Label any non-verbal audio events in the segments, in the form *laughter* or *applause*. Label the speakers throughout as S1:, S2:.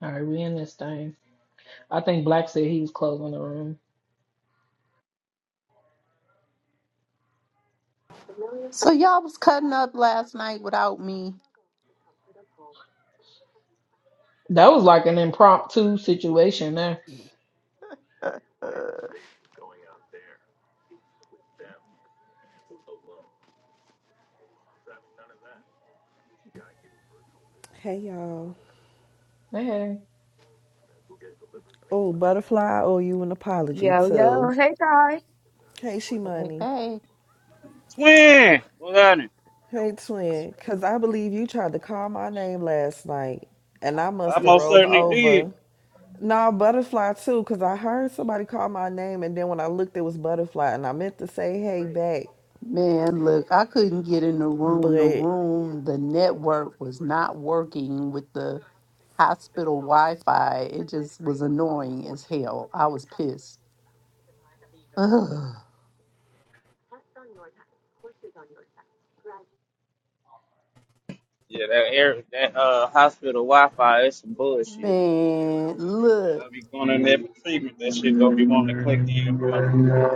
S1: All right, we in this thing. I think Black said he was closing the room.
S2: So y'all was cutting up last night without me.
S1: That was like an impromptu situation there.
S2: Hey,
S3: Hey y'all.
S1: Hey, hey,
S3: Oh, butterfly, I owe you an apology
S4: Yo, yo.
S3: too.
S4: Hey, Ty.
S3: Hey She Money.
S2: hey.
S5: Twin, what's happening?
S3: Hey twin. Cause I believe you tried to call my name last night and I
S5: I
S3: must have
S5: most
S3: rolled
S5: certainly did.
S3: over. Nah, butterfly too, cause I heard somebody call my name and then when I looked it was butterfly and I meant to say hey back,
S2: Man, look, I couldn't get in the room. The
S3: but
S2: room, the network was not working with the hospital Wi-Fi. It just was annoying as hell. I was pissed. Ugh.
S5: Yeah, that air, that uh hospital Wi-Fi is some bullshit.
S2: Man, look,
S5: I'll be going in there for treatment. That shit gonna be wanting to click in, bro.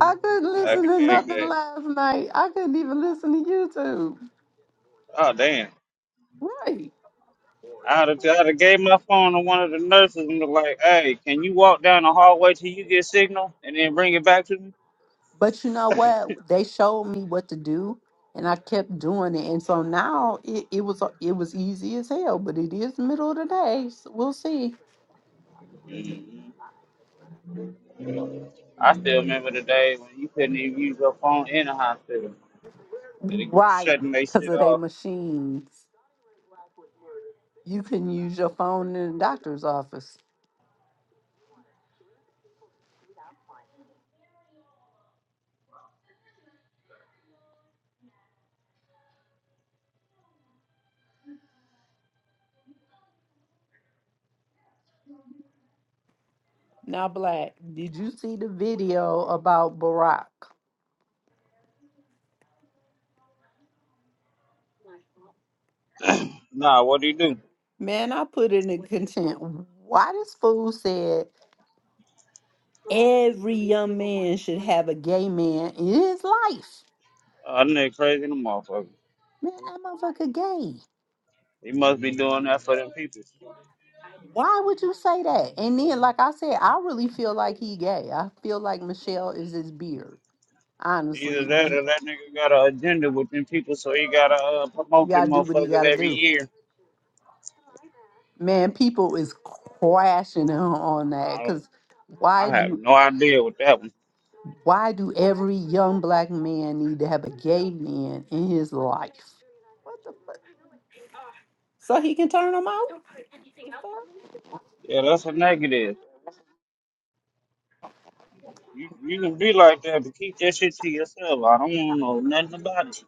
S2: I couldn't
S5: I
S2: listen
S5: can
S2: to
S5: dig
S2: nothing
S5: that.
S2: last night. I couldn't even listen to YouTube.
S5: Oh damn.
S2: Right.
S5: I'd have, I'd have gave my phone to one of the nurses and was like, "Hey, can you walk down the hallway till you get signal, and then bring it back to me?"
S2: But you know what? They showed me what to do, and I kept doing it. And so now it, it was it was easy as hell. But it is middle of the day. So we'll see.
S5: I still remember the day when you couldn't even use your phone in the hospital. They were
S2: Right,
S5: shutting their
S2: because
S5: shit
S2: of they
S5: off.
S2: machines, you can use your phone in the doctor's office. Now, Black, did you see the video about Barack?
S5: Nah, what do you do?
S2: Man, I put it in content. Why this fool said every young man should have a gay man in his life?
S5: Uh, I nigga crazy in the motherfucker.
S2: Man, that motherfucker gay.
S5: He must be doing that for them people.
S2: Why would you say that? And then, like I said, I really feel like he gay. I feel like Michelle is his beard.
S5: Either
S2: Honestly,
S5: that
S2: the,
S5: or that nigga got an agenda with them people, so he gotta uh,
S2: he
S5: promote them
S2: gotta do what he
S5: motherfuckers
S2: gotta
S5: every
S2: do.
S5: year.
S2: Man, people is crashing on on that
S5: I don't,
S2: because
S5: I
S2: why
S5: have
S2: do
S5: no idea with that one.
S2: why do every young black man need to have a gay man in his life? What the fuck? So he can turn them out?
S5: Yeah, that's a negative. You, you can be like that, but keep that shit to yourself. I don't want to know nothing about it.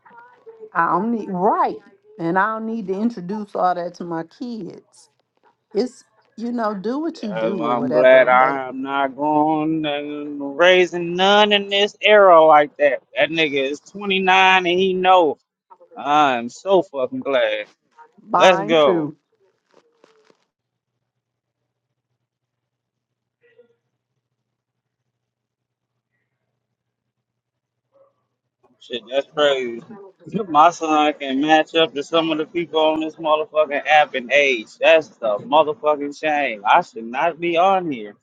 S2: I don't need right, and I don't need to introduce all that to my kids. It's you know, do what you
S5: Yeah,
S2: do or
S5: I'm glad
S2: whatever, but
S5: I'm not going uh, raising none in this era like that. That nigga is 29 and he know. I'm so fucking glad. Let's
S2: mine
S5: go.
S2: too.
S5: Shit, that's crazy. *laughs* My son can match up to some of the people on this motherfucking app in age. That's the motherfucking shame. I should not be on here.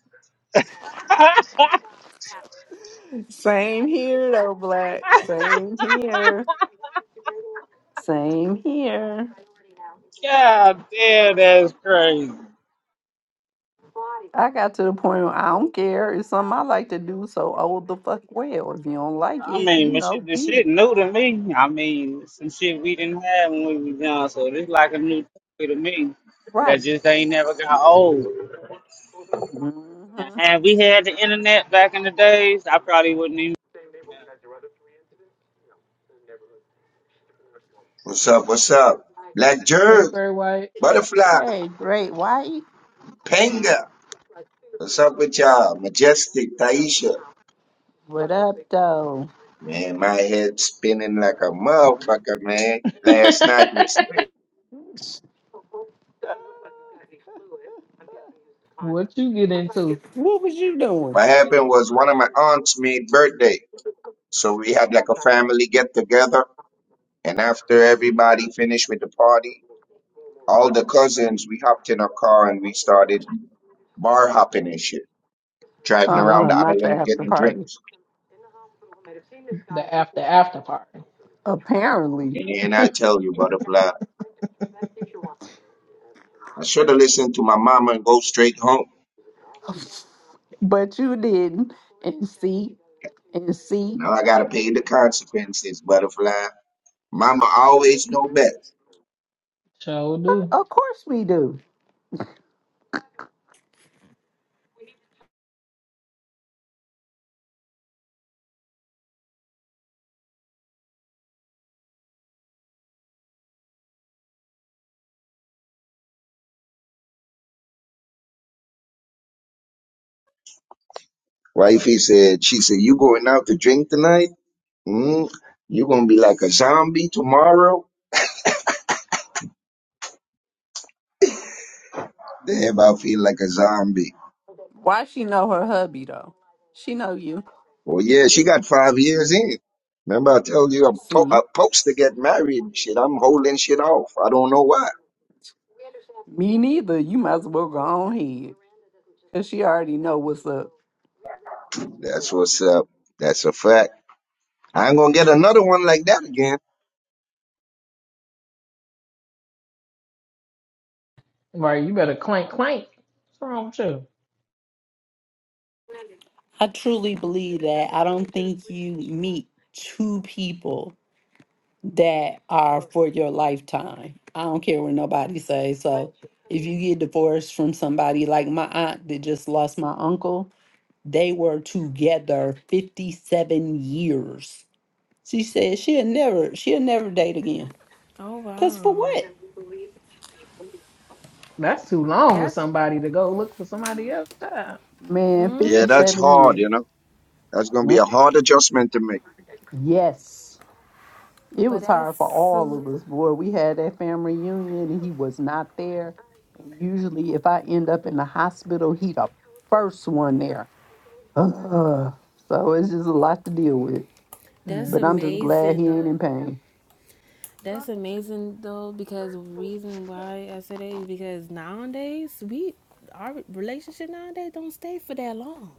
S2: Same here though, Black. Same here. Same here.
S5: God damn, that's crazy.
S2: I got to the point where I don't care. It's something I like to do, so oh the fuck well. If you don't like
S5: I
S2: it, you
S5: mean, but
S2: know,
S5: shit, this
S2: beat
S5: shit
S2: it.
S5: new to me. I mean, some shit we didn't have when we was young, so this like a new thing to me that
S2: Right.
S5: just ain't never got old.
S2: hmm
S5: Now, had we had the internet back in the days, I probably wouldn't even.
S6: What's up? What's up? Black
S1: hey,
S6: Jerk,
S1: Gray White.
S6: Butterfly,
S2: Hey, great white.
S6: Panga. What's up with y'all? Majestic, Taisha.
S2: What up though?
S6: Man, my head spinning like a motherfucker, man. Last night was late.
S1: *laughs* what you get into?
S2: What was you doing?
S6: What happened was one of my aunts made birthday. So we had like a family get together. And after everybody finished with the party, all the cousins, we hopped in a car and we started bar hopping and shit. Driving
S2: Uh
S1: Oh,
S6: around
S2: uh
S6: the
S1: Lord.
S2: not the
S6: island
S2: after
S6: getting
S2: party.
S6: drinks.
S1: The after after party.
S2: Apparently.
S6: And I tell you, Butterfly. I should have listened to my mama and go straight home.
S2: *laughs* But you didn't. And see, and see.
S6: Now I gotta pay the consequences, butterfly. Mama always
S2: Mm,
S6: know best.
S1: Sure do.
S2: Of course we do.
S6: Wifey said, she said, you going out to drink tonight? Mm, you gonna be like a zombie tomorrow? Damn, I feel like a zombie.
S2: Why she know her hubby though? She know you.
S6: Well, yeah, she got five years in. Remember I told you I'm po-
S2: See,
S6: I'm supposed to get married. Shit, I'm holding shit off. I don't know why.
S2: me neither. You might as well go on ahead. Cause she already know what's up.
S6: That's what's up. That's a fact. I ain't gonna get another one like that again.
S1: Right, you better clank clank. What's wrong with you?
S2: I truly believe that. I don't think you meet two people that are for your lifetime. I don't care what nobody say. So if you get divorced from somebody like my aunt that just lost my uncle, They were together 57 years. She said she'll never, she'll never date again.
S7: Oh
S2: Cause for
S7: wow,
S2: what?
S1: That's too long with
S7: that's
S1: somebody to go look for somebody else. Time.
S2: Man,
S6: Yeah,
S7: mm
S6: that's
S7: hmm
S2: 57
S6: hard,
S2: years.
S6: you know. That's gonna be a
S2: Mm,
S6: hard adjustment to make.
S2: Yes. It
S7: but
S2: was hard for
S7: that's
S2: all of us. Boy, we had that family reunion and he was not there. And usually, if I end up in the hospital, he the first one there. *sighs* Ugh. So it's just a lot to deal with.
S7: that's
S2: But
S1: Mm,
S2: I'm just glad
S7: amazing
S2: he ain't
S7: though.
S2: in pain.
S7: That's amazing though because reason why I say that is because nowadays we our relationship nowadays don't stay for that long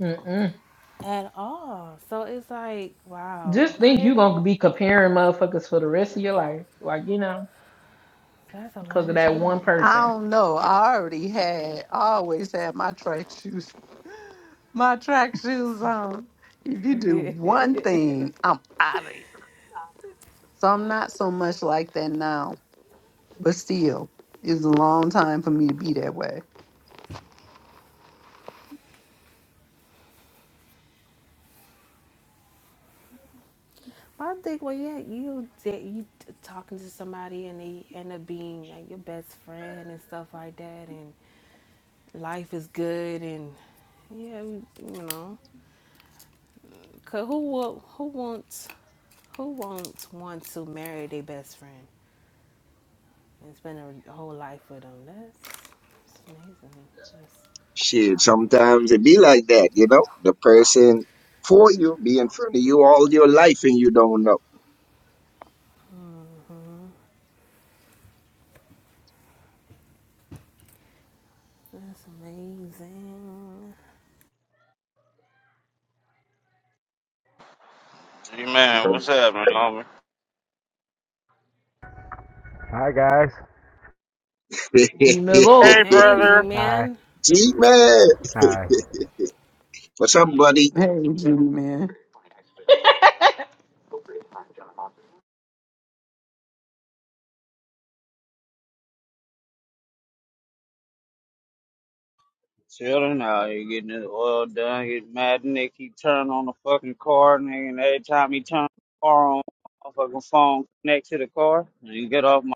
S1: Mm-mm.
S7: at all. So it's like wow,
S1: Just
S7: when I
S1: think
S7: hear
S1: you
S7: that,
S1: gonna be comparing motherfuckers for the rest of your life. Like, you know,
S7: that's a
S1: because of
S7: long
S1: that one
S7: time.
S2: I
S1: person.
S2: don't know. I already had, I always had my track shoes, my track shoes on. If you do one
S7: *laughs*
S2: thing, I'm out of here. So I'm not so much like that now, but still, it's a long time for me to be that way.
S7: I think well yeah you da- you t- talking to somebody and they end up being like your best friend and stuff like that and. life is good and yeah, you know, 'cause who will, who wants who wants one to marry their best friend and spend a whole life with them? That's, that's amazing. That's
S6: Shit, sometimes it be like that, you know. The person for you be in front of you all your life and you don't know.
S7: that's amazing.
S5: Hey man, what's
S6: *laughs*
S5: up, man, homie?
S8: Hi guys.
S1: You
S5: Hey,
S1: know.
S7: Hey,
S5: brother.
S7: G
S8: Hi.
S7: man.
S6: G man,
S8: Hi.
S6: for somebody
S2: Hey, Judy, man.
S1: *laughs*
S5: Children out here getting his oil done, getting mad, and they keep turning on the fucking car, nigga. And every time he turns the car on, fucking phone connect to the car, and you get off my.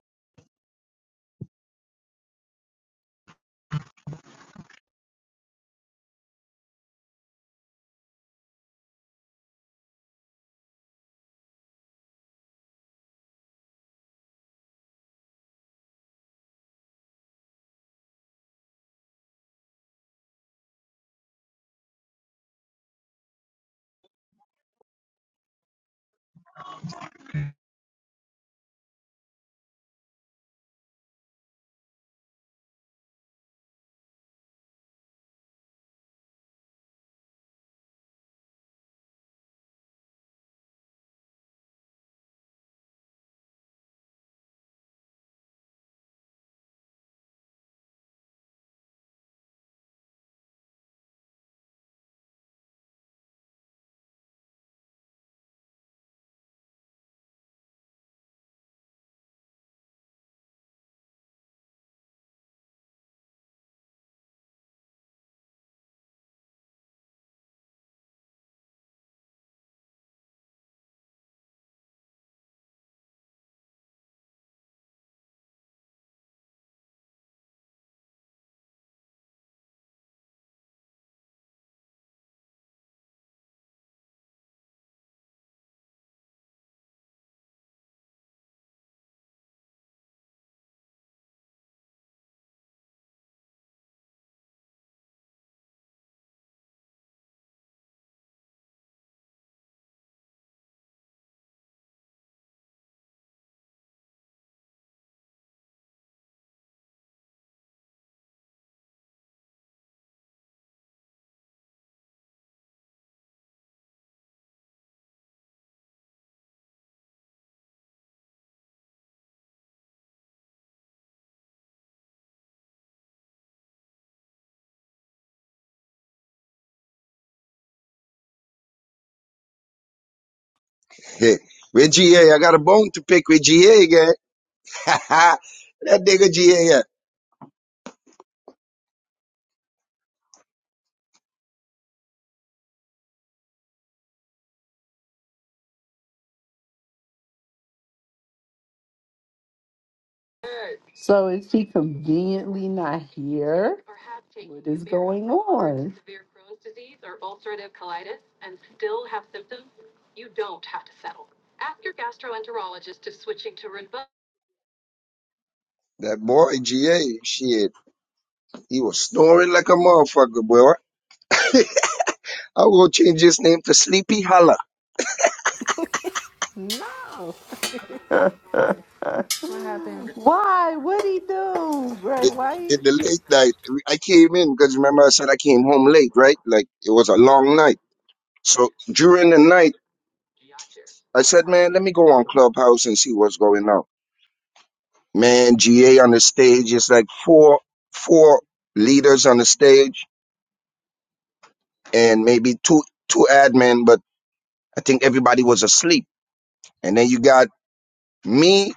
S6: *laughs* with GA, I got a bone to pick with GA again. *laughs* that nigga GA,
S2: So is he conveniently not here? What is going on?
S6: that boy GA, shit, he was snoring like a motherfucker, boy. I'm gonna change his name to Sleepy Hollow.
S7: No,
S2: *laughs* Why?
S7: what happened?
S2: What'd he do, Bray
S6: in
S2: White?
S6: in the late night. I came in because remember I said I came home late, right? Like it was a long night. So during the night, I said, man, let me go on Clubhouse and see what's going on. Man, GA on the stage is like four four leaders on the stage and maybe two two admin, but I think everybody was asleep. And then you got me,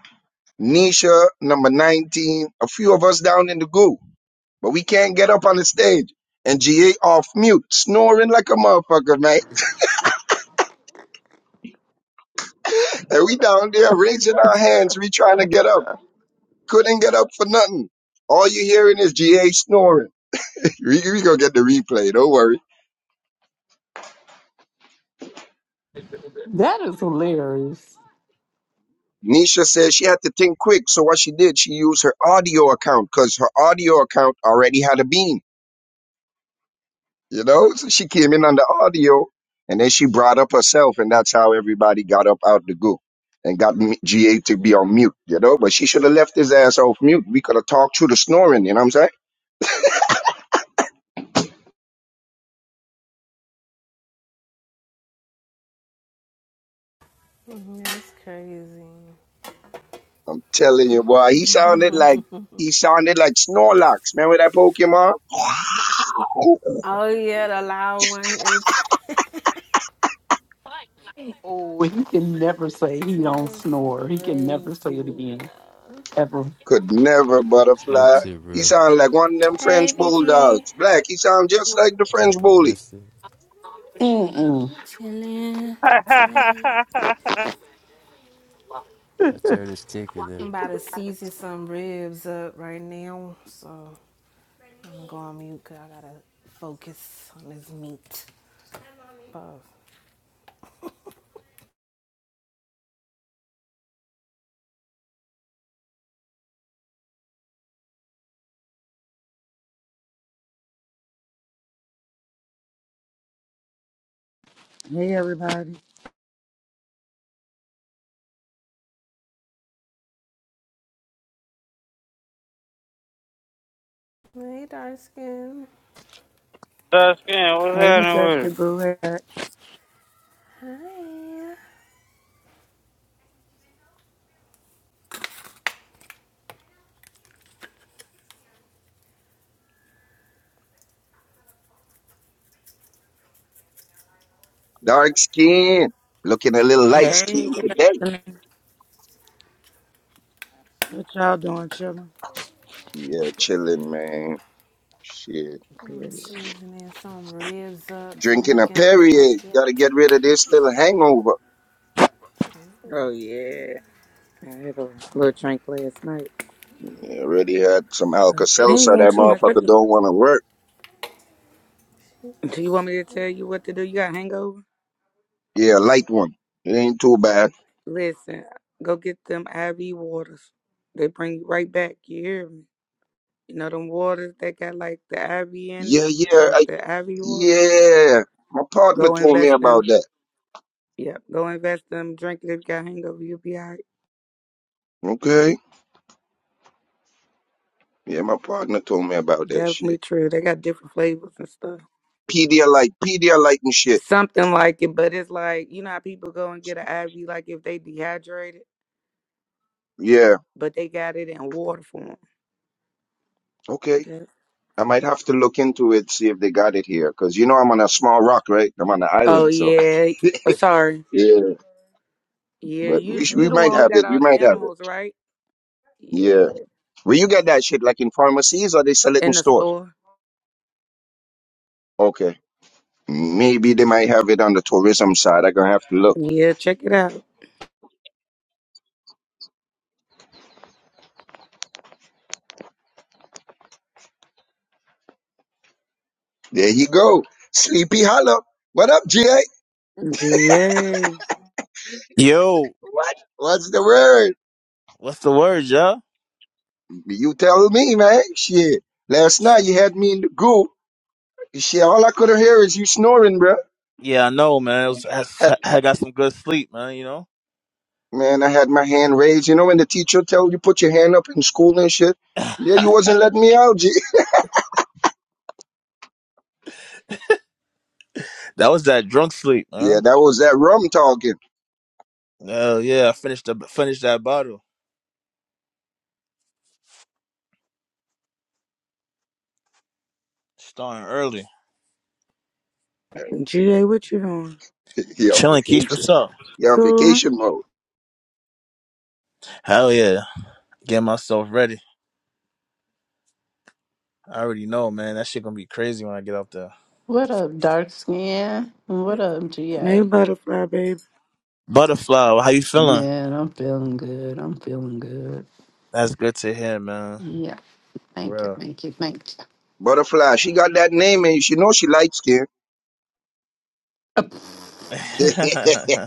S6: Nisha, number 19, a few of us down in the goo, but we can't get up on the stage and GA off mute, snoring like a motherfucker, man.
S2: *laughs*
S6: And we down there raising our hands. We trying to get up. Couldn't get up for nothing. All you hearing is GA snoring. *laughs* we, we gonna get the replay. Don't worry.
S2: That is hilarious.
S6: Nisha says she had to think quick. So what she did, she used her audio account because her audio account already had a beam. You know, so she came in on the audio and then she brought up herself and that's how everybody got up out the goo and got M- GA to be on mute, you know, but she should have left his ass off mute. We could have talked through the snoring. You know what I'm saying?
S7: Mhm, That's crazy.
S6: I'm telling you, boy. He sounded like he sounded like Snorlax. Remember that Pokemon? *laughs*
S7: Oh yeah, the loud one every time. *laughs*
S2: Oh, he can never say he don't
S7: Just
S2: snore. He can never say it
S7: crazy.
S2: again, ever.
S6: Could never
S9: Salute
S6: butterfly.
S9: to you,
S6: He
S9: bro.
S6: sounded like one of them
S7: Hey,
S6: French
S7: BTA.
S6: bulldogs. Black. He sound just like the French
S9: Job
S6: bully.
S9: adjusted.
S2: Mm-mm.
S7: I'm chilling,
S5: *laughs*
S7: chilling.
S9: I turned this ticket there.
S7: I'm about to season some ribs up right now, so I'm gonna go on mute because I gotta focus on this meat. Pause.
S10: Hey everybody.
S7: Hey, dark skin.
S5: That's skin. What's
S10: Hey
S5: happening with it?
S10: Majestic Boo. Hey. Eric.
S7: Hi.
S6: Dark skin, looking a little light
S10: Hey.
S6: skinned today.
S10: Justin. What y'all doing, chillin'?
S6: Yeah, chilling, man. Shit.
S7: I'm
S10: Period.
S7: seasoning some ribs up so we
S6: Drinking a
S7: can cook
S6: Perrier.
S7: it.
S6: Gotta get rid of this little hangover.
S10: Oh yeah. I had a little drink last night.
S6: Yeah, already had some
S10: But I ain't
S6: Alka-Seltzer.
S10: doing
S6: That
S10: too much. I
S6: motherfucker
S10: just
S6: don't want to work.
S10: Do you want me to tell you what to do? You got hangover?
S6: Yeah, light one. It ain't too bad.
S10: Listen, go get them IV waters. They bring you right back. You hear me? You know them waters that got like the IV in it?
S6: Yeah, yeah.
S10: Like
S6: I
S10: the IV water?
S6: Yeah, my partner
S10: Go
S6: told me
S10: invest in
S6: about
S10: them.
S6: that.
S10: Yep. Go invest in them. Drink it if you got hangover, you'll be all right.
S6: Okay. Yeah, my partner told me about that
S10: Definitely
S6: shit.
S10: true. They got different flavors and stuff.
S6: Pedialyte, Pedialyte and shit.
S10: Something like it, but it's like you know how people go and get an IV, like if they dehydrated,
S6: Yeah.
S10: but they got it in water form.
S6: Okay.
S10: Yeah.
S6: I might have to look into it, see if they got it here, cause you know I'm on a small rock, right? I'm on an
S10: Oh
S6: island, so
S10: yeah. Oh sorry.
S6: *laughs* yeah.
S10: Yeah,
S6: But we
S10: you
S6: sh- we
S10: you the
S6: might
S10: one who
S6: have
S10: got
S6: it. We
S10: all the
S6: might have it.
S10: animals, right? Yeah.
S6: Yeah. Will you get that shit like in pharmacies or they sell it in
S10: In the
S6: stores?
S10: store.
S6: Okay. Maybe they might have it on the tourism side. i am gonna have to look.
S10: Yeah, check it out.
S6: There you go. Sleepy Hollow. What up, GA?
S10: G A. G
S11: Yo,
S6: What? What's the word?
S11: what's the word, yeah?
S6: You tell me, man. Shit. Last night you had me in the goo. Shit, all I could hear is you snoring, bro.
S11: Yeah, I know, man. It was,
S6: Had,
S11: I, I got some good sleep, man. You know,
S6: man, I had my hand raised. You know when the teacher tell you put your hand up in school and shit?
S11: *laughs*
S6: Yeah, you
S11: that
S6: wasn't letting me out, G. *laughs*
S11: was that drunk sleep,
S6: Yeah,
S11: man.
S6: that was that rum talking.
S11: Hell yeah, I finished the finished that bottle, starting early,
S10: A. what you doing?
S6: *laughs* He on
S11: chilling. Keith,
S6: vacation.
S11: what's up?
S6: He on
S10: Cool.
S6: vacation mode.
S11: Hell yeah, getting myself ready. I already know, man. That shit gonna be crazy when I get out there.
S2: What up, dark skin? What up,
S10: Hey
S2: GA?
S10: butterfly, baby.
S11: Butterfly, well, how you feeling?
S2: Man, I'm feeling good. I'm feeling good.
S11: That's good to hear, man.
S2: Yeah, thank you,
S11: Real.
S2: thank you, thank you.
S6: Butterfly, she got that name and she know she light skin.
S11: *laughs*
S6: *laughs*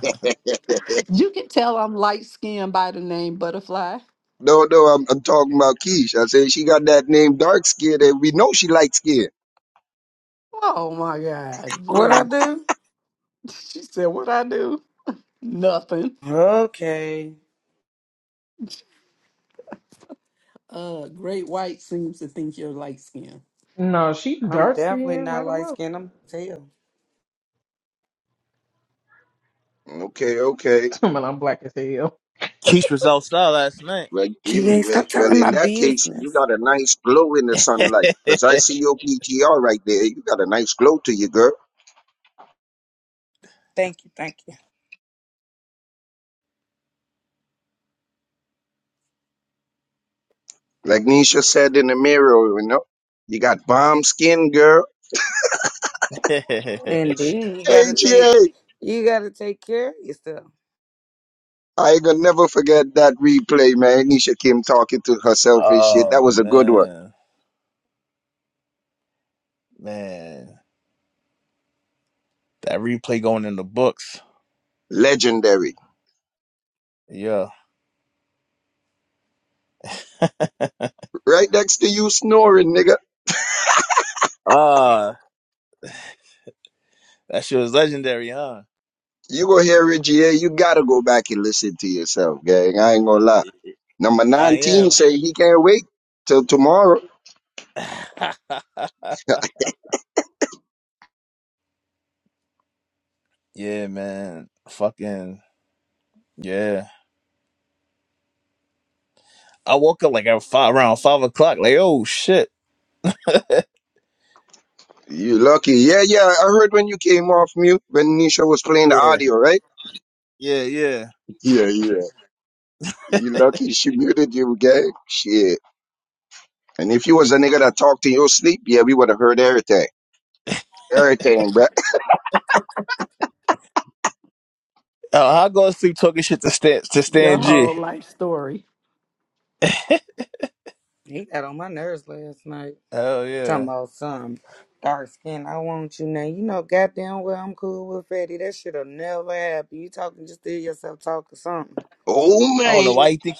S2: You can tell I'm light skinned by the name Butterfly.
S6: no, no, I'm, I'm talking about Keish. I said she got that name dark skin and we know she light skin.
S2: Oh my God,
S10: What I
S2: really? *laughs*
S10: do?
S2: She said, What I do? Nothing.
S10: Okay.
S2: Uh, Great White seems to think you're light skinned.
S1: No, she
S10: I'm
S1: dark
S10: definitely
S1: skinned
S10: not
S1: like a
S10: light
S1: mother.
S10: skinned. I'm pale.
S6: Okay, okay.
S1: *laughs* But I'm black as hell.
S11: Keith was outside last night.
S6: Well, you really
S10: GA,
S6: will.
S10: stop
S6: Well,
S10: telling my
S6: in that case, you
S10: business.
S6: got a nice glow in the sunlight. Because I
S11: *laughs*
S6: see your PTR right there. You got a nice glow to you, girl.
S10: Thank you, thank you.
S6: Like Nisha said in the mirror, you know, you got bomb skin, girl.
S10: And then you gotta take
S6: AGA.
S10: you gotta take care of yourself.
S6: I ain't gonna never forget that replay, man. Nisha Kim talking to herself and shit. That
S11: oh
S6: was a good one.
S11: man. Man, that replay going in the books.
S6: Legendary.
S11: Yeah.
S6: Right next to you snoring, nigga.
S11: Ah, that shit was legendary, huh?
S6: You go hear AGA. You gotta go back and listen to yourself, gang. I ain't gonna lie. Number
S11: I
S6: 19
S11: am.
S6: say he can't wait till tomorrow. *laughs*
S11: *laughs* yeah, man. Fucking yeah. I woke up like at five around five o'clock. Like, oh shit.
S6: You lucky. Yeah, yeah. I heard when you came off mute when Nisha was playing the
S11: Yeah,
S6: audio, right?
S11: yeah, yeah.
S6: Yeah, yeah. You lucky she muted you, gang. Shit. And if you was a nigga that talked in your sleep, yeah, we would have heard everything. Everything, bruh. *laughs*
S11: Uh, I go to sleep talking shit to Stan to
S2: Your
S11: Stan
S2: whole
S11: G.
S2: life story
S10: He got on my nerves last night.
S11: Hell yeah.
S10: Talking about some dark skin. I want you now. You know goddamn well I'm cool with Fetty. That shit'll never happen. You talking just to hear yourself talking something.
S6: Oh,
S11: I don't know
S6: man.
S11: why you think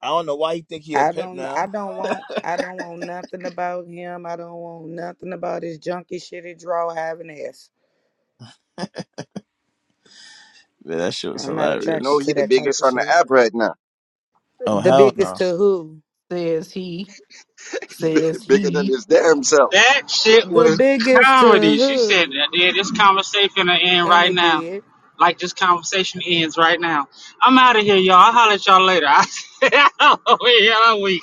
S11: I don't know why you think he a
S10: I
S11: pimp
S10: don't I
S11: now.
S10: don't want I don't want nothing about him. I don't want nothing about his junky shitty draw having ass.
S11: Man, that shit was
S10: I'm not
S6: And You know
S10: attracted
S11: hilarious.
S6: he
S10: to
S6: the
S10: that type
S6: biggest
S10: of
S6: on the
S10: shit.
S6: app right now.
S11: Oh
S10: The
S11: hell
S10: biggest
S11: no.
S10: to who?
S2: says he, says
S6: *laughs* Bigger than
S2: he.
S6: his damn self.
S5: That shit
S10: The
S5: was
S10: biggest to
S5: comedy. She said,
S10: who?
S5: "Yeah, this conversation gonna end
S10: And
S5: right
S10: it
S5: now.
S10: did.
S5: Like this conversation ends right now. I'm out of here, y'all. I'll holler at y'all later." *laughs* I said, "Oh, yeah, I'm weak."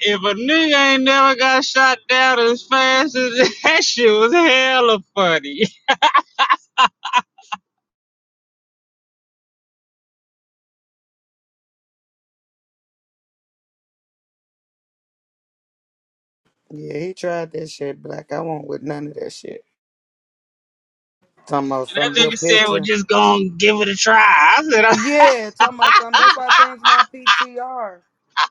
S5: If a nigga ain't never got shot down as fast as *laughs* that shit was hella funny.
S10: Yeah, he tried that shit, Black. I won't with none of that shit. Talking about
S5: And
S10: some
S5: that
S10: your
S5: nigga said, we're
S10: picture.
S5: just go and give it a try. I said, *laughs* I, said,
S10: Yeah, talking about something. That's why I changed my PTR.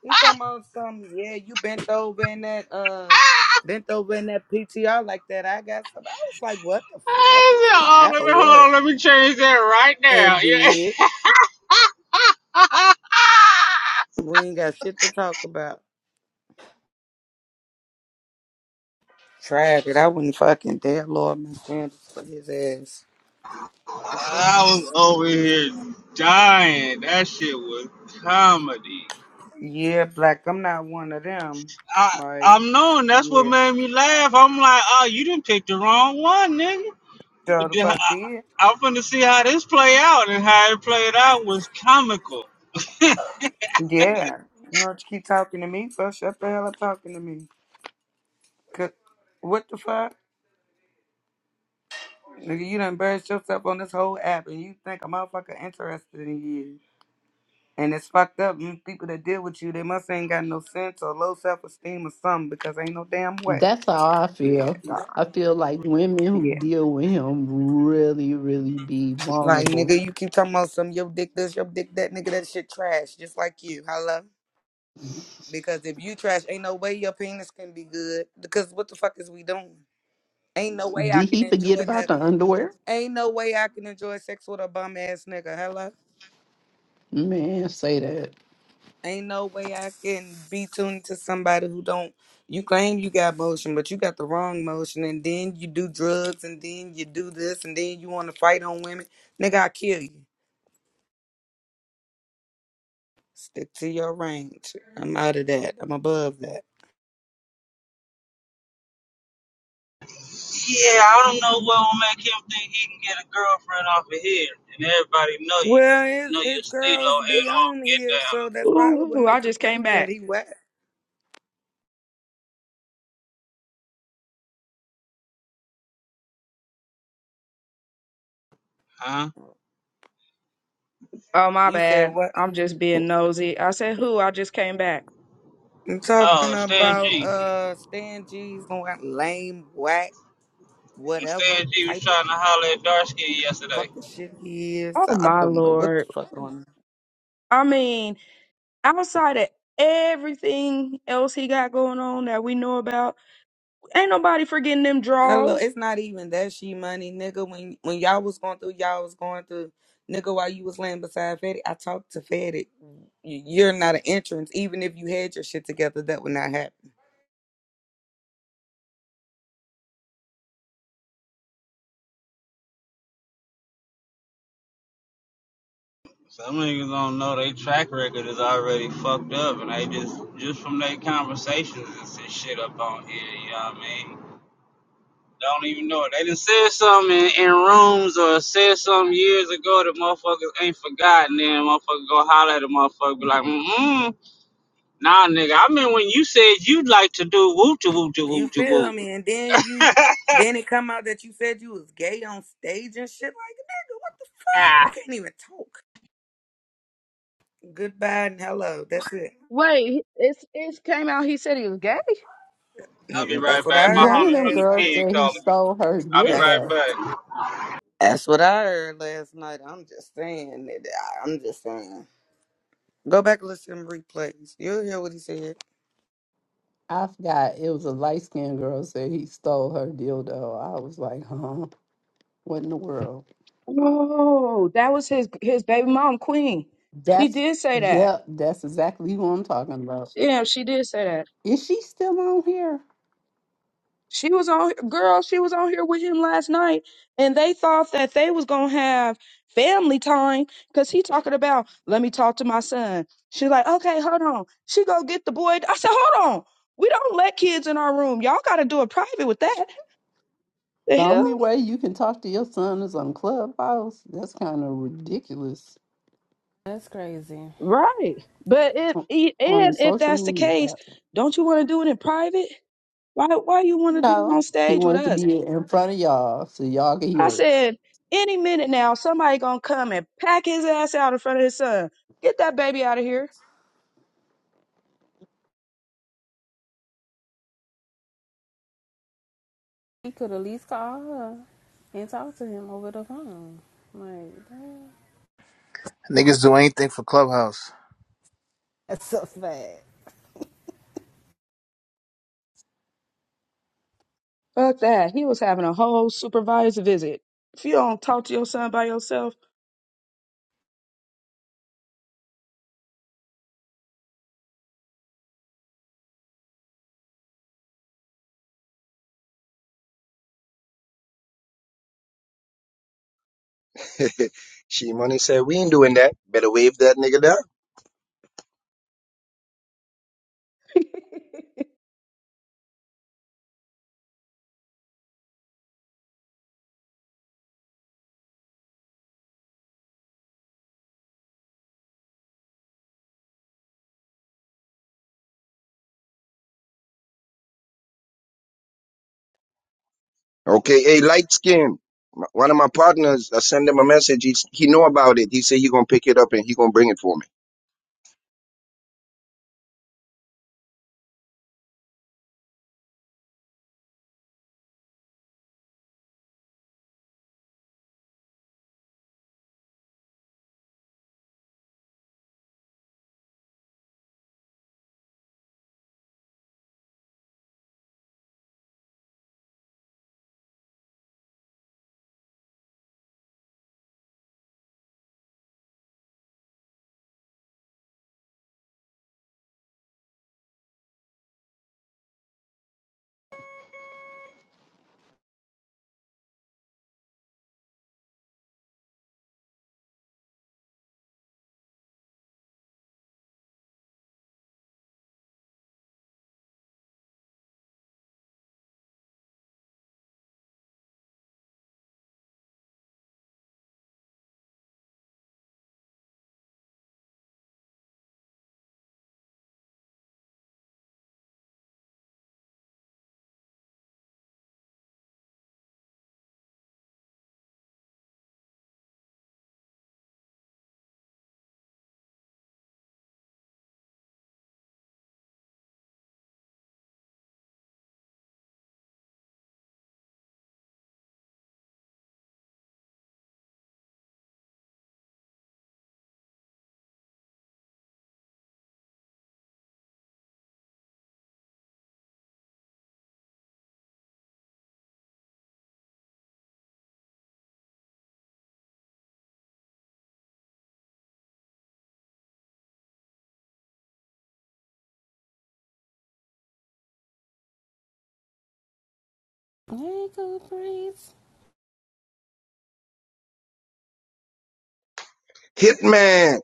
S10: He talking about something. Yeah, you bent over in that uh bent over in that PTR like that. I got some. I was like, what the fuck? Is he
S5: oh,
S10: high
S5: let me,
S10: or
S5: hold
S10: what?
S5: on, let me change that right
S10: And
S5: now. Yeah.
S10: did.
S5: *laughs*
S10: We ain't got shit to talk about. Tried it. I wouldn't fucking dare Lord McDaniels for his ass.
S5: I was over here dying. That shit was comedy.
S10: Yeah, black. I'm not one of them.
S5: I,
S10: Like,
S5: I'm knowing that's what
S10: yeah.
S5: made me laugh. I'm like, oh, you didn't pick the wrong one, nigga.
S10: So
S5: And
S10: the
S5: then I,
S10: fuck did?
S5: I'm finna see how this play out, and how it played out was comical.
S10: Yeah. You know what you keep talking to me So Shut the hell up talking to me. Cause, what the fuck? Nigga, you done embarrassed yourself on this whole app and you think a motherfucker interested in you. And it's fucked up. These people that deal with you, they must ain't got no sense or low self esteem or something because ain't no damn way.
S2: That's how I
S10: Yeah,
S2: feel.
S10: nah.
S2: I feel like women who
S10: Yeah.
S2: deal with him really, really be
S10: Like,
S2: vulnerable.
S10: nigga, you keep talking about some yo dick this, yo dick that, nigga, that shit trash, just like you. Hello? Because if you trash, ain't no way your penis can be good. Because what the fuck is we doing? Ain't no way I
S2: Did he
S10: can
S2: forget
S10: enjoy
S2: about
S10: that.
S2: the underwear?
S10: Ain't no way I can enjoy sex with a bum ass nigga. Hello.
S2: Man, say that.
S10: Ain't no way I can be tuned to somebody who don't. You claim you got motion, but you got the wrong motion, and then you do drugs, and then you do this, and then you want to fight on women. Nigga, I kill you. Stick to your range. I'm out of that. I'm above that.
S5: Yeah, I don't know what will make him think he can get a girlfriend off of here, and everybody know
S10: Well,
S5: you,
S10: his
S5: know your are
S10: his
S5: Stilo
S10: girls
S5: and
S10: be
S5: all
S10: on
S5: get
S10: here, so
S5: down.
S10: that's probably what
S4: Ooh, I
S10: make him
S4: just
S10: think
S4: came
S10: that
S4: back.
S10: he whack.
S4: Oh, my
S10: You said
S4: bad.
S10: what?
S4: I'm just being nosy. I said, who? I just came back.
S10: I'm
S5: Huh?
S10: talking
S5: Oh, Stan
S10: about
S5: G.
S10: uh Stan G's going lame, whack,
S5: When
S10: whatever
S5: Stan G was
S10: type of
S5: trying to holler at Darsky yesterday.
S10: fucking shit he is.
S4: Oh,
S10: I
S4: my
S10: don't know what the
S4: Lord.
S10: fuck on.
S4: I mean, outside of everything else he got going on that we know about, ain't nobody forgetting them
S10: Hello,
S4: draws.
S10: it's not even that she money, nigga. When when y'all was going through, y'all was going through, nigga. While you was laying beside Fetty, I talked to Fetty. You- You're not an entrance, even if you had your shit together, that would not happen.
S5: Some niggas don't know their track record is already fucked up, and they just just from their conversations and shit up on here. You know what I mean? Don't even know it. They done said something in, in rooms or said something years ago that motherfuckers ain't forgotten. Then motherfucker go holler at a motherfucker, be like, mm nah, nigga. I mean, when you said you'd like to do woo to woo to
S10: You
S5: woo to
S10: feel
S5: woo.
S10: me? And then you, then it come out that you said you was gay on stage and shit. Like, nigga, what the fuck?
S5: Ah.
S10: We can't even talk. Goodbye and hello. That's it.
S4: Wait, it's it's came out he said he was gay.
S5: I'll be
S10: Mhm. That's
S5: right
S10: what
S5: back.
S10: I
S5: My
S2: One
S10: heard
S2: of
S5: homie
S2: them
S5: from the
S10: last
S2: girls
S10: night.
S5: pen
S2: said he
S5: calling me.
S2: stole her
S5: I'll be
S10: That's
S5: right
S2: dildo.
S5: back.
S10: That's what I heard last night. I'm just saying. That, I- I'm just saying. Go back and listen to the replays. You'll hear what he said.
S2: I forgot it was a light skinned girl said he stole her dildo. I was like, huh? What in the world?
S4: Oh, that was his his baby mom, Queen. She
S2: That's
S4: did say
S2: yeah,
S4: that.
S2: that's exactly what I'm talking about.
S4: Yeah, she did say that.
S2: Is she still on here?
S4: She was on girl, she was on here with him last night and they thought that they was going to have family time cuz he talking about let me talk to my son. She like, "Okay, hold on." She go get the boy. I said, "Hold on. We don't let kids in our room. Y'all got to do it private with that." The
S2: The only
S4: hell?
S2: way you can talk to your son is on Clubhouse. That's kind of ridiculous
S7: That's crazy.
S4: Right. But if
S2: on
S4: e-
S2: on a
S4: and if
S2: social
S4: that's the
S2: media
S4: case,
S2: app.
S4: don't you want to do it in private? Why why you want to do it
S2: No,
S4: on
S2: he
S4: stage with
S2: wanted to
S4: us?
S2: be in front of y'all so y'all could
S4: I
S2: hear it.
S4: said, any minute now, somebody gonna come and pack his ass out in front of his son. Get that baby out of here.
S7: He could at least call her and talk to him over the phone. Like, that.
S11: Niggas do anything for Clubhouse.
S7: That's so fat.
S4: Fuck that. He was having a whole supervised visit. If you don't talk to your son by yourself,
S6: *laughs* she money said, we ain't doing that. Better wave that nigga down. Okay, hey, light skin. One of my partners, I send him a message. He, he know about it. He said he gonna pick it up and he gonna bring it for me.
S7: hey, good breeze.
S6: Hitman.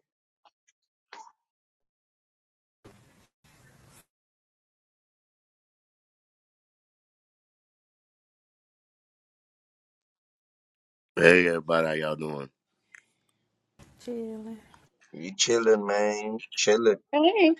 S12: Hey everybody, how y'all doing?
S7: Chilling.
S6: We chilling, man. Chilling.
S4: hey,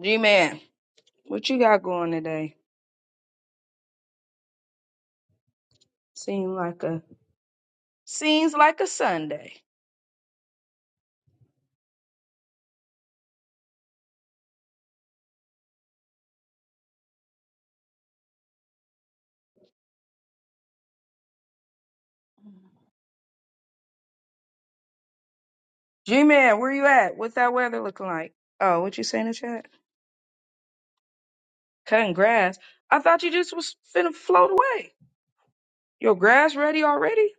S4: G man, what you got going today? Seems like a seems like a Sunday. G man, where you at? What's that weather looking like? Oh, what you say in the chat? Cutting grass. I thought you just was finna float away. Your grass ready already?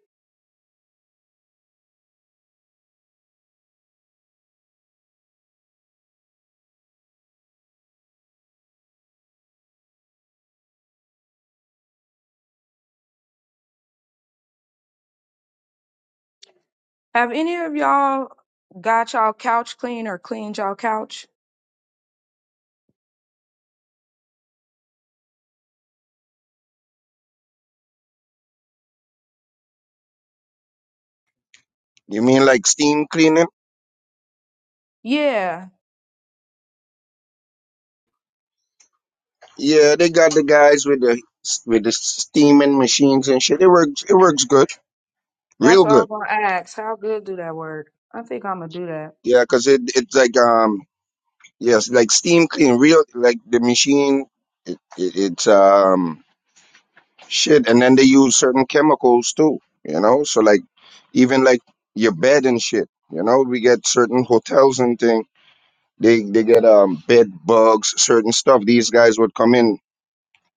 S4: Have any of y'all got y'all couch clean or cleaned y'all couch?
S6: You mean like steam cleaning?
S4: Yeah,
S6: Yeah, they got the guys with the with the steaming machines and shit. It works. It works good,
S4: that's
S6: real
S4: what I
S6: good.
S4: was gonna ask. How good do that work? I think I'm gonna do that.
S6: Yeah, 'cause it it's like um yes, like steam clean, real like the machine. It, it, it's um shit, and then they use certain chemicals too. You know, so like even like your bed and shit. You know, we get certain hotels and thing. They they get um bed bugs, certain stuff. These guys would come in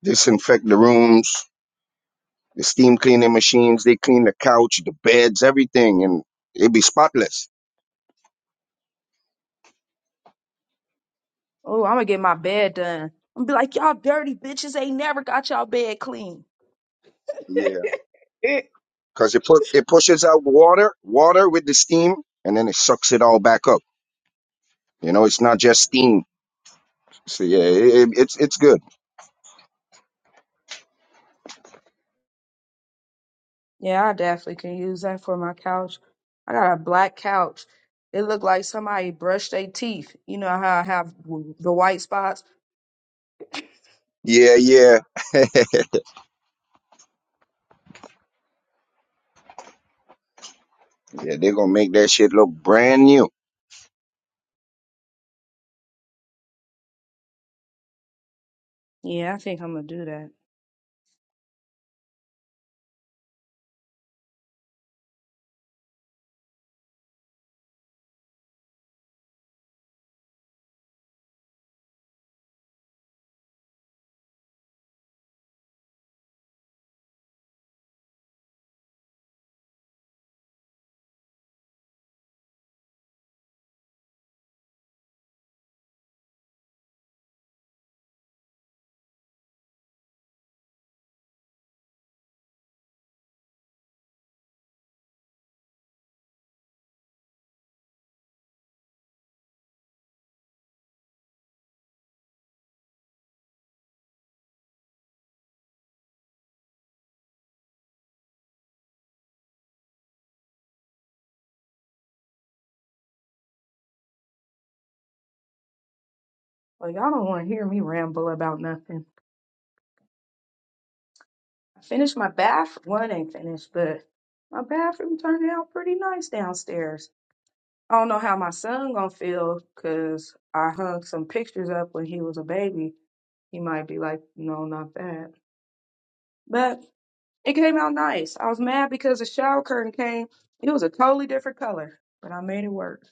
S6: disinfect the rooms, the steam cleaning machines, they clean the couch, the beds, everything, and it be spotless.
S4: Oh, I'm gonna get my bed done. I'm gonna be like, y'all dirty bitches ain't never got y'all bed clean.
S6: Yeah,
S4: *laughs* Eh.
S6: because it put it pushes out water, water with the steam, and then it sucks it all back up. You know, it's not just steam. So yeah, it, it- it's it's good.
S4: yeah, I definitely can use that for my couch. I got a black couch. It looked like somebody brushed their teeth. You know how I have w- the white spots? *laughs*
S6: Yeah, yeah, yeah. They're gonna make that shit look brand new.
S4: Yeah, I think I'm gonna do that. Well, y'all don't want to hear me ramble about nothing. I finished my bath. One ain't finished, but my bathroom turned out pretty nice downstairs. I don't know how my son gonna feel 'cause I hung some pictures up when he was a baby. He might be like, no, not that. But it came out nice. I was mad because the shower curtain came. It was a totally different color, but I made it work.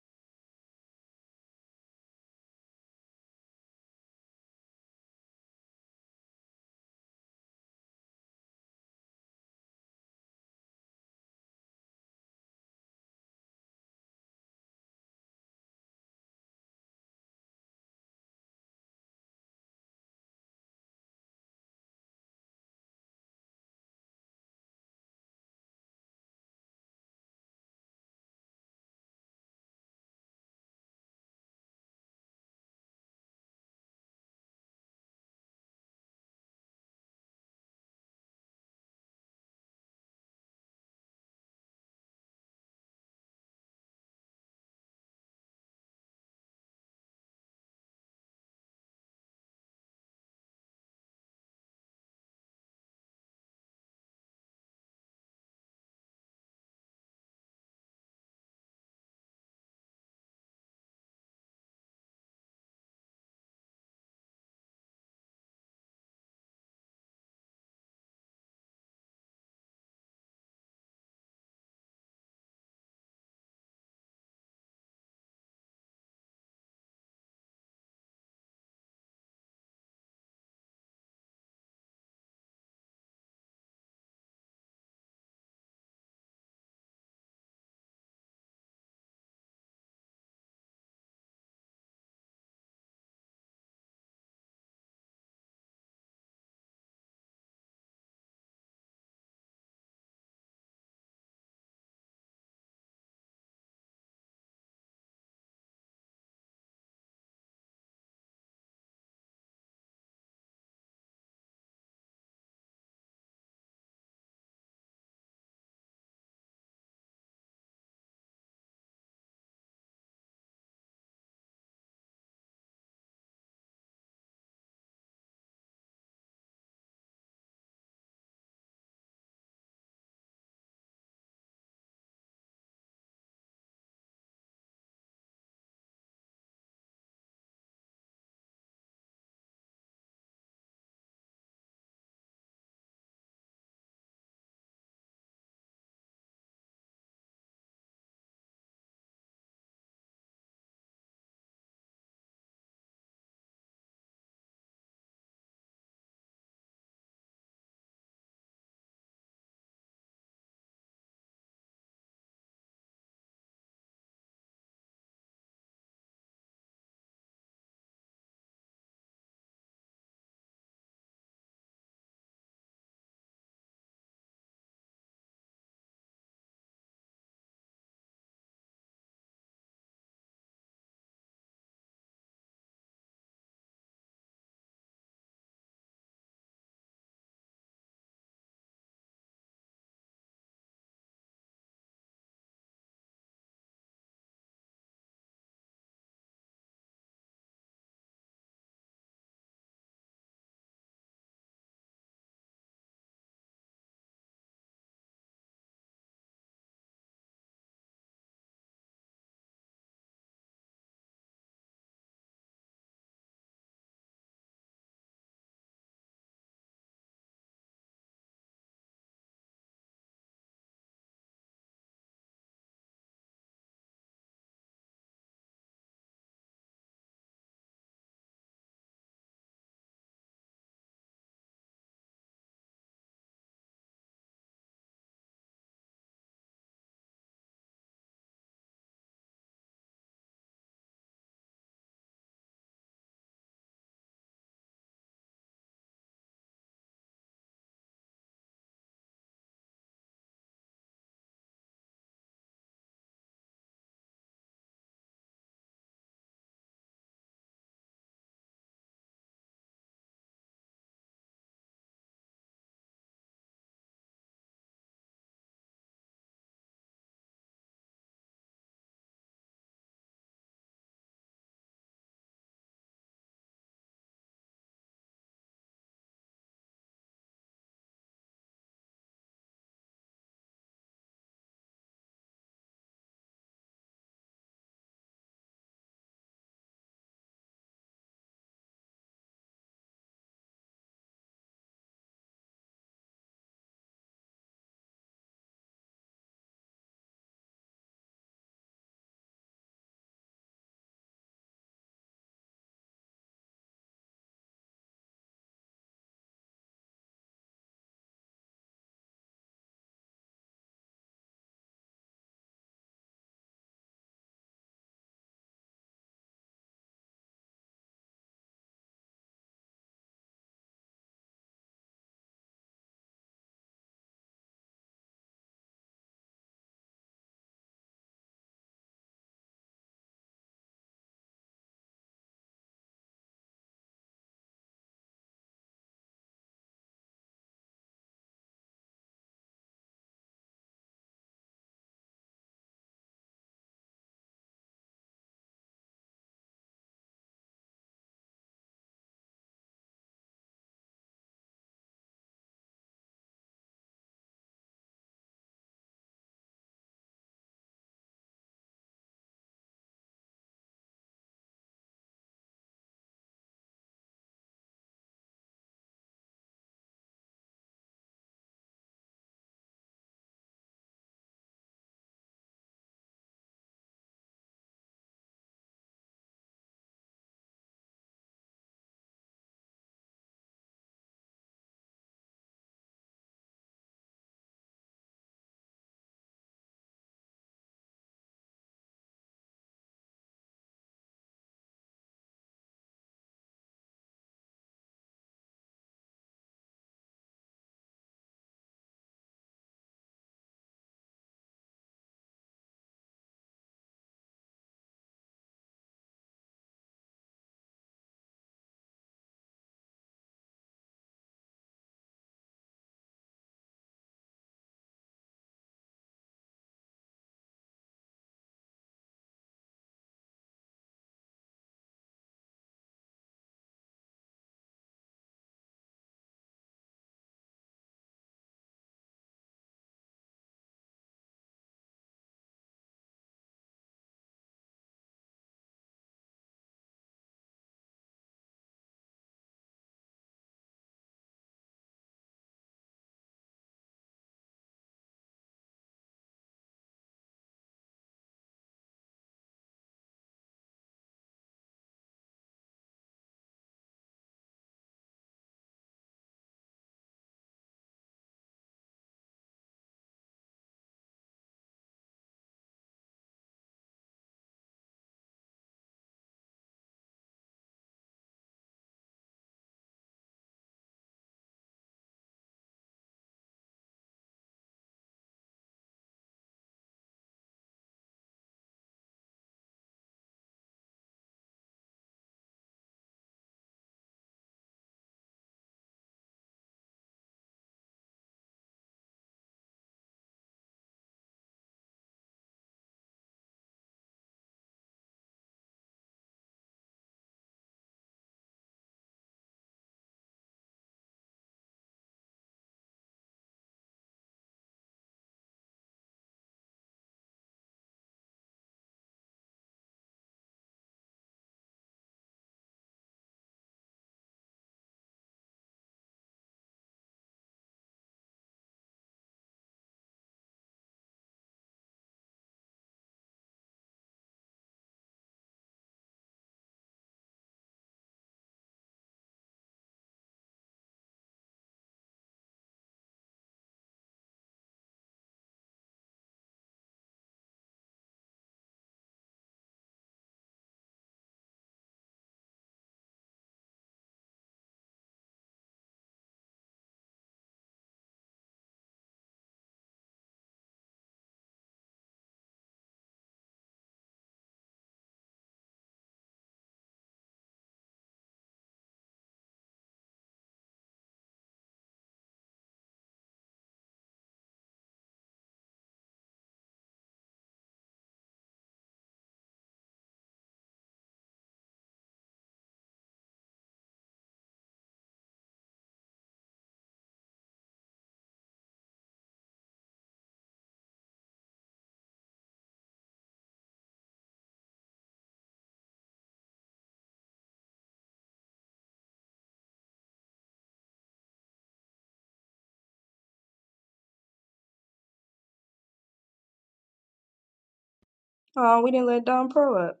S4: Oh, we didn't let Don Pro up.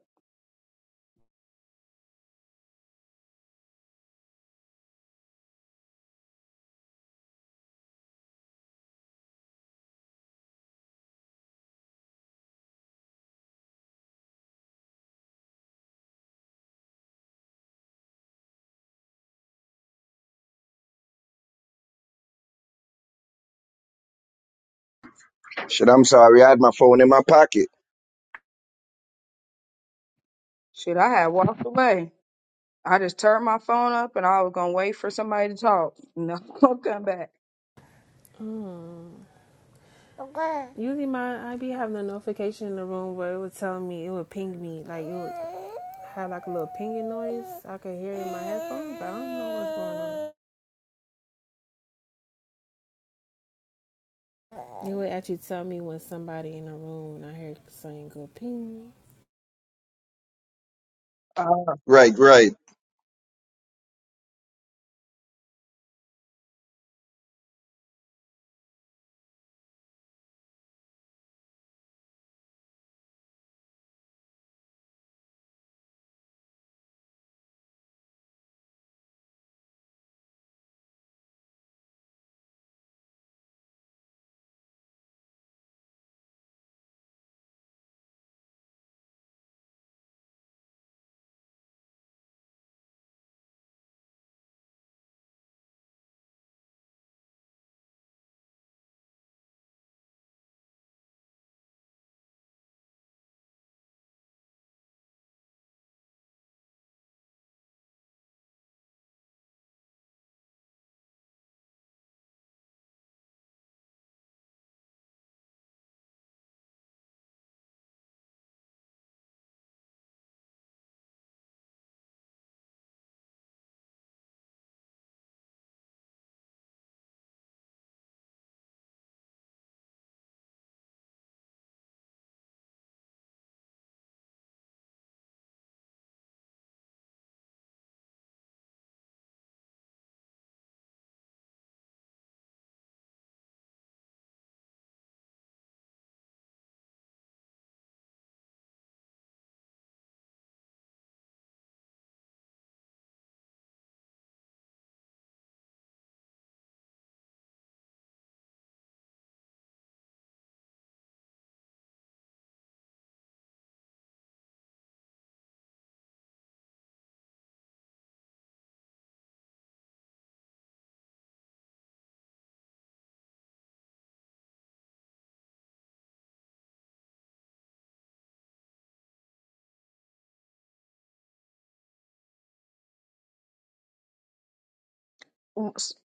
S6: Shit, I'm sorry, I had my phone in my pocket.
S4: Shit, I had walked away. I just turned my phone up and I was gonna wait for somebody to talk. No, *laughs* come back.
S7: Hmm. Okay. Usually, my I be having a notification in the room where it would tell me it would ping me, like it would have like a little pinging noise. I could hear it in my headphones, but I don't know what's going on. It would actually tell me when somebody in the room, and I hear saying "go ping."
S4: Uh,
S6: Right, right.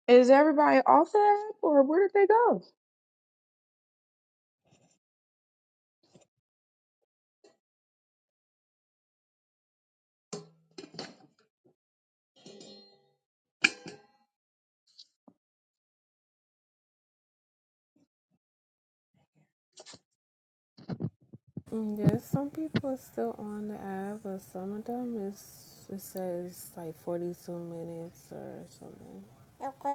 S4: is everybody off the app or where did they go?
S7: Mm, Yes, some people are still on the app, but some of them is it says like forty-two minutes or something. Okay.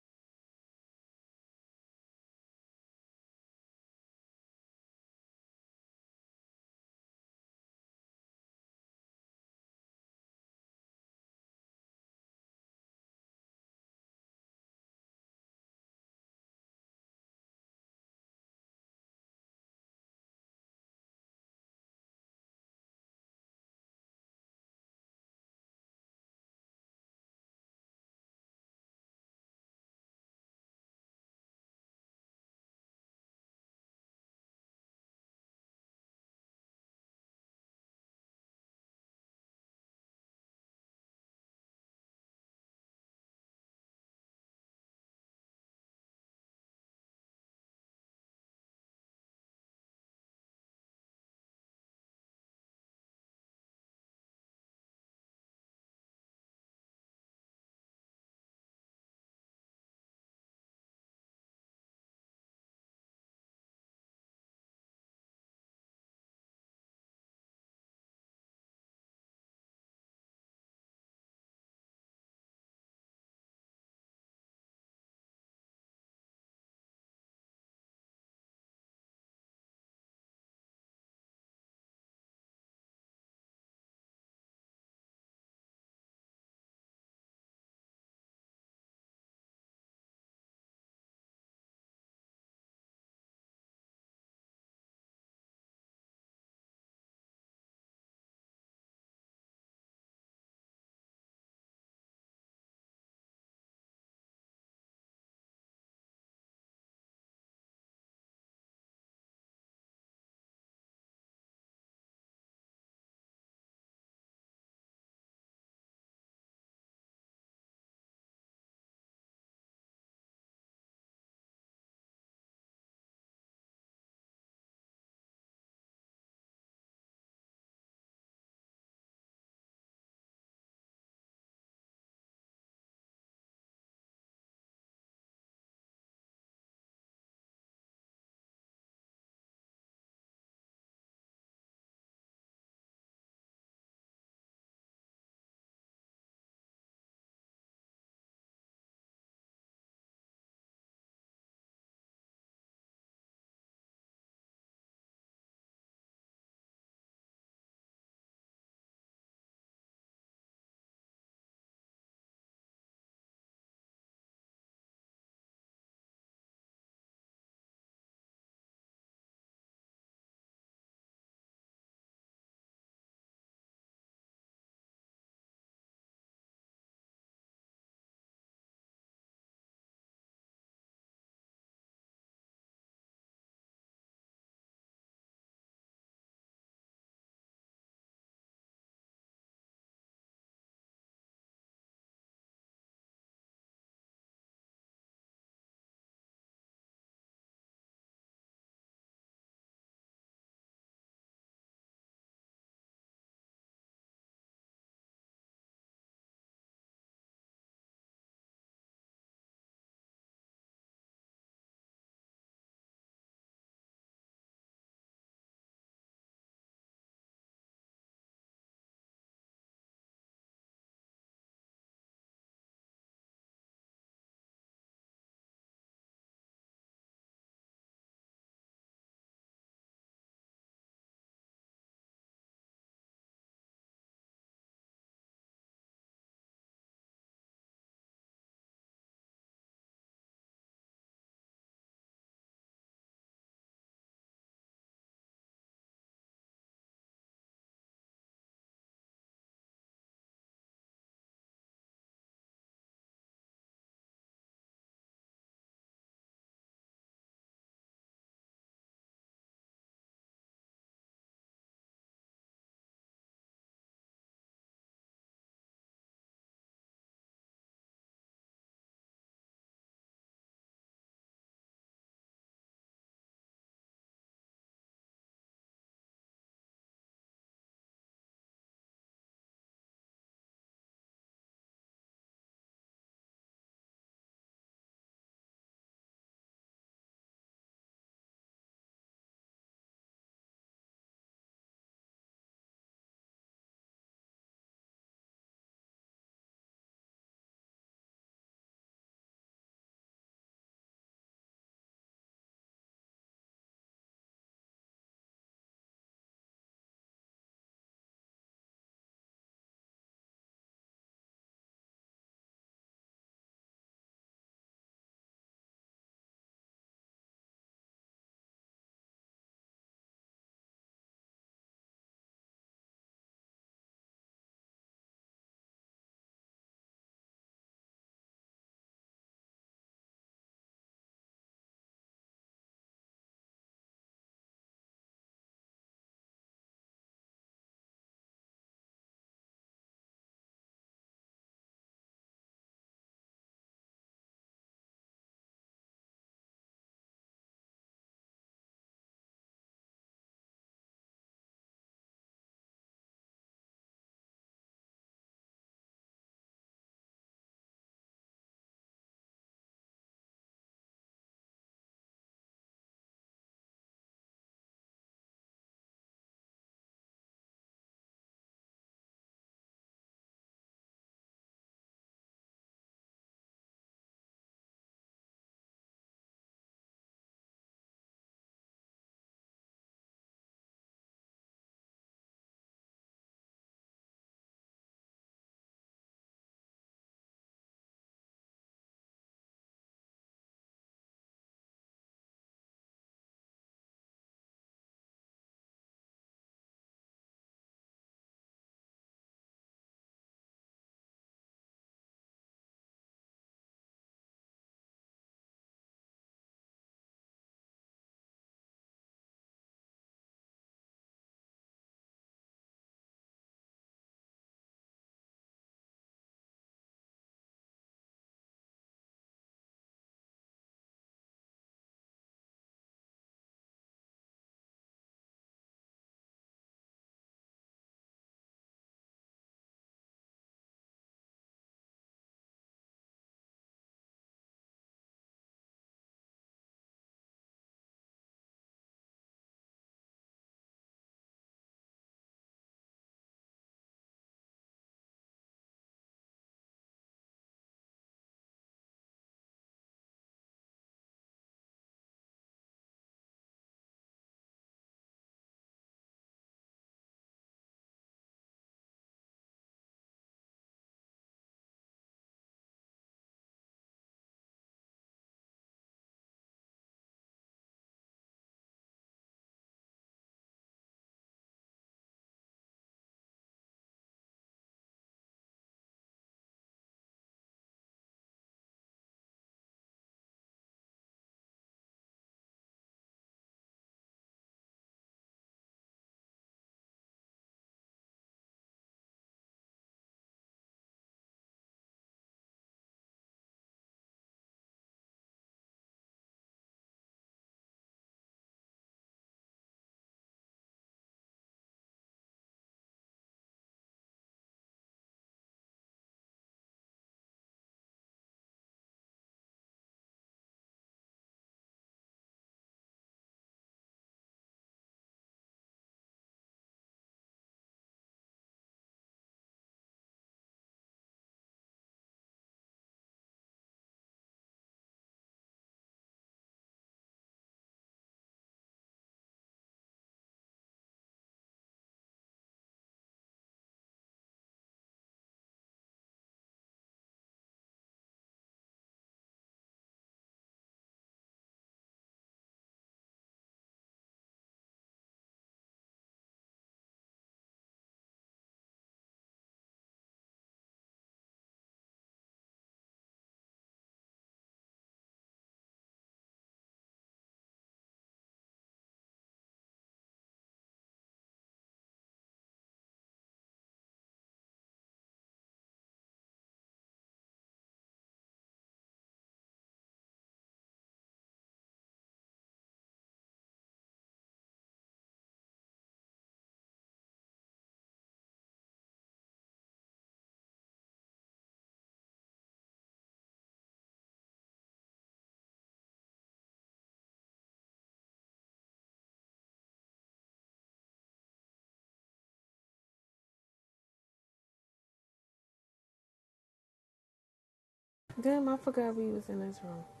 S7: Damn, I forgot we was in this room.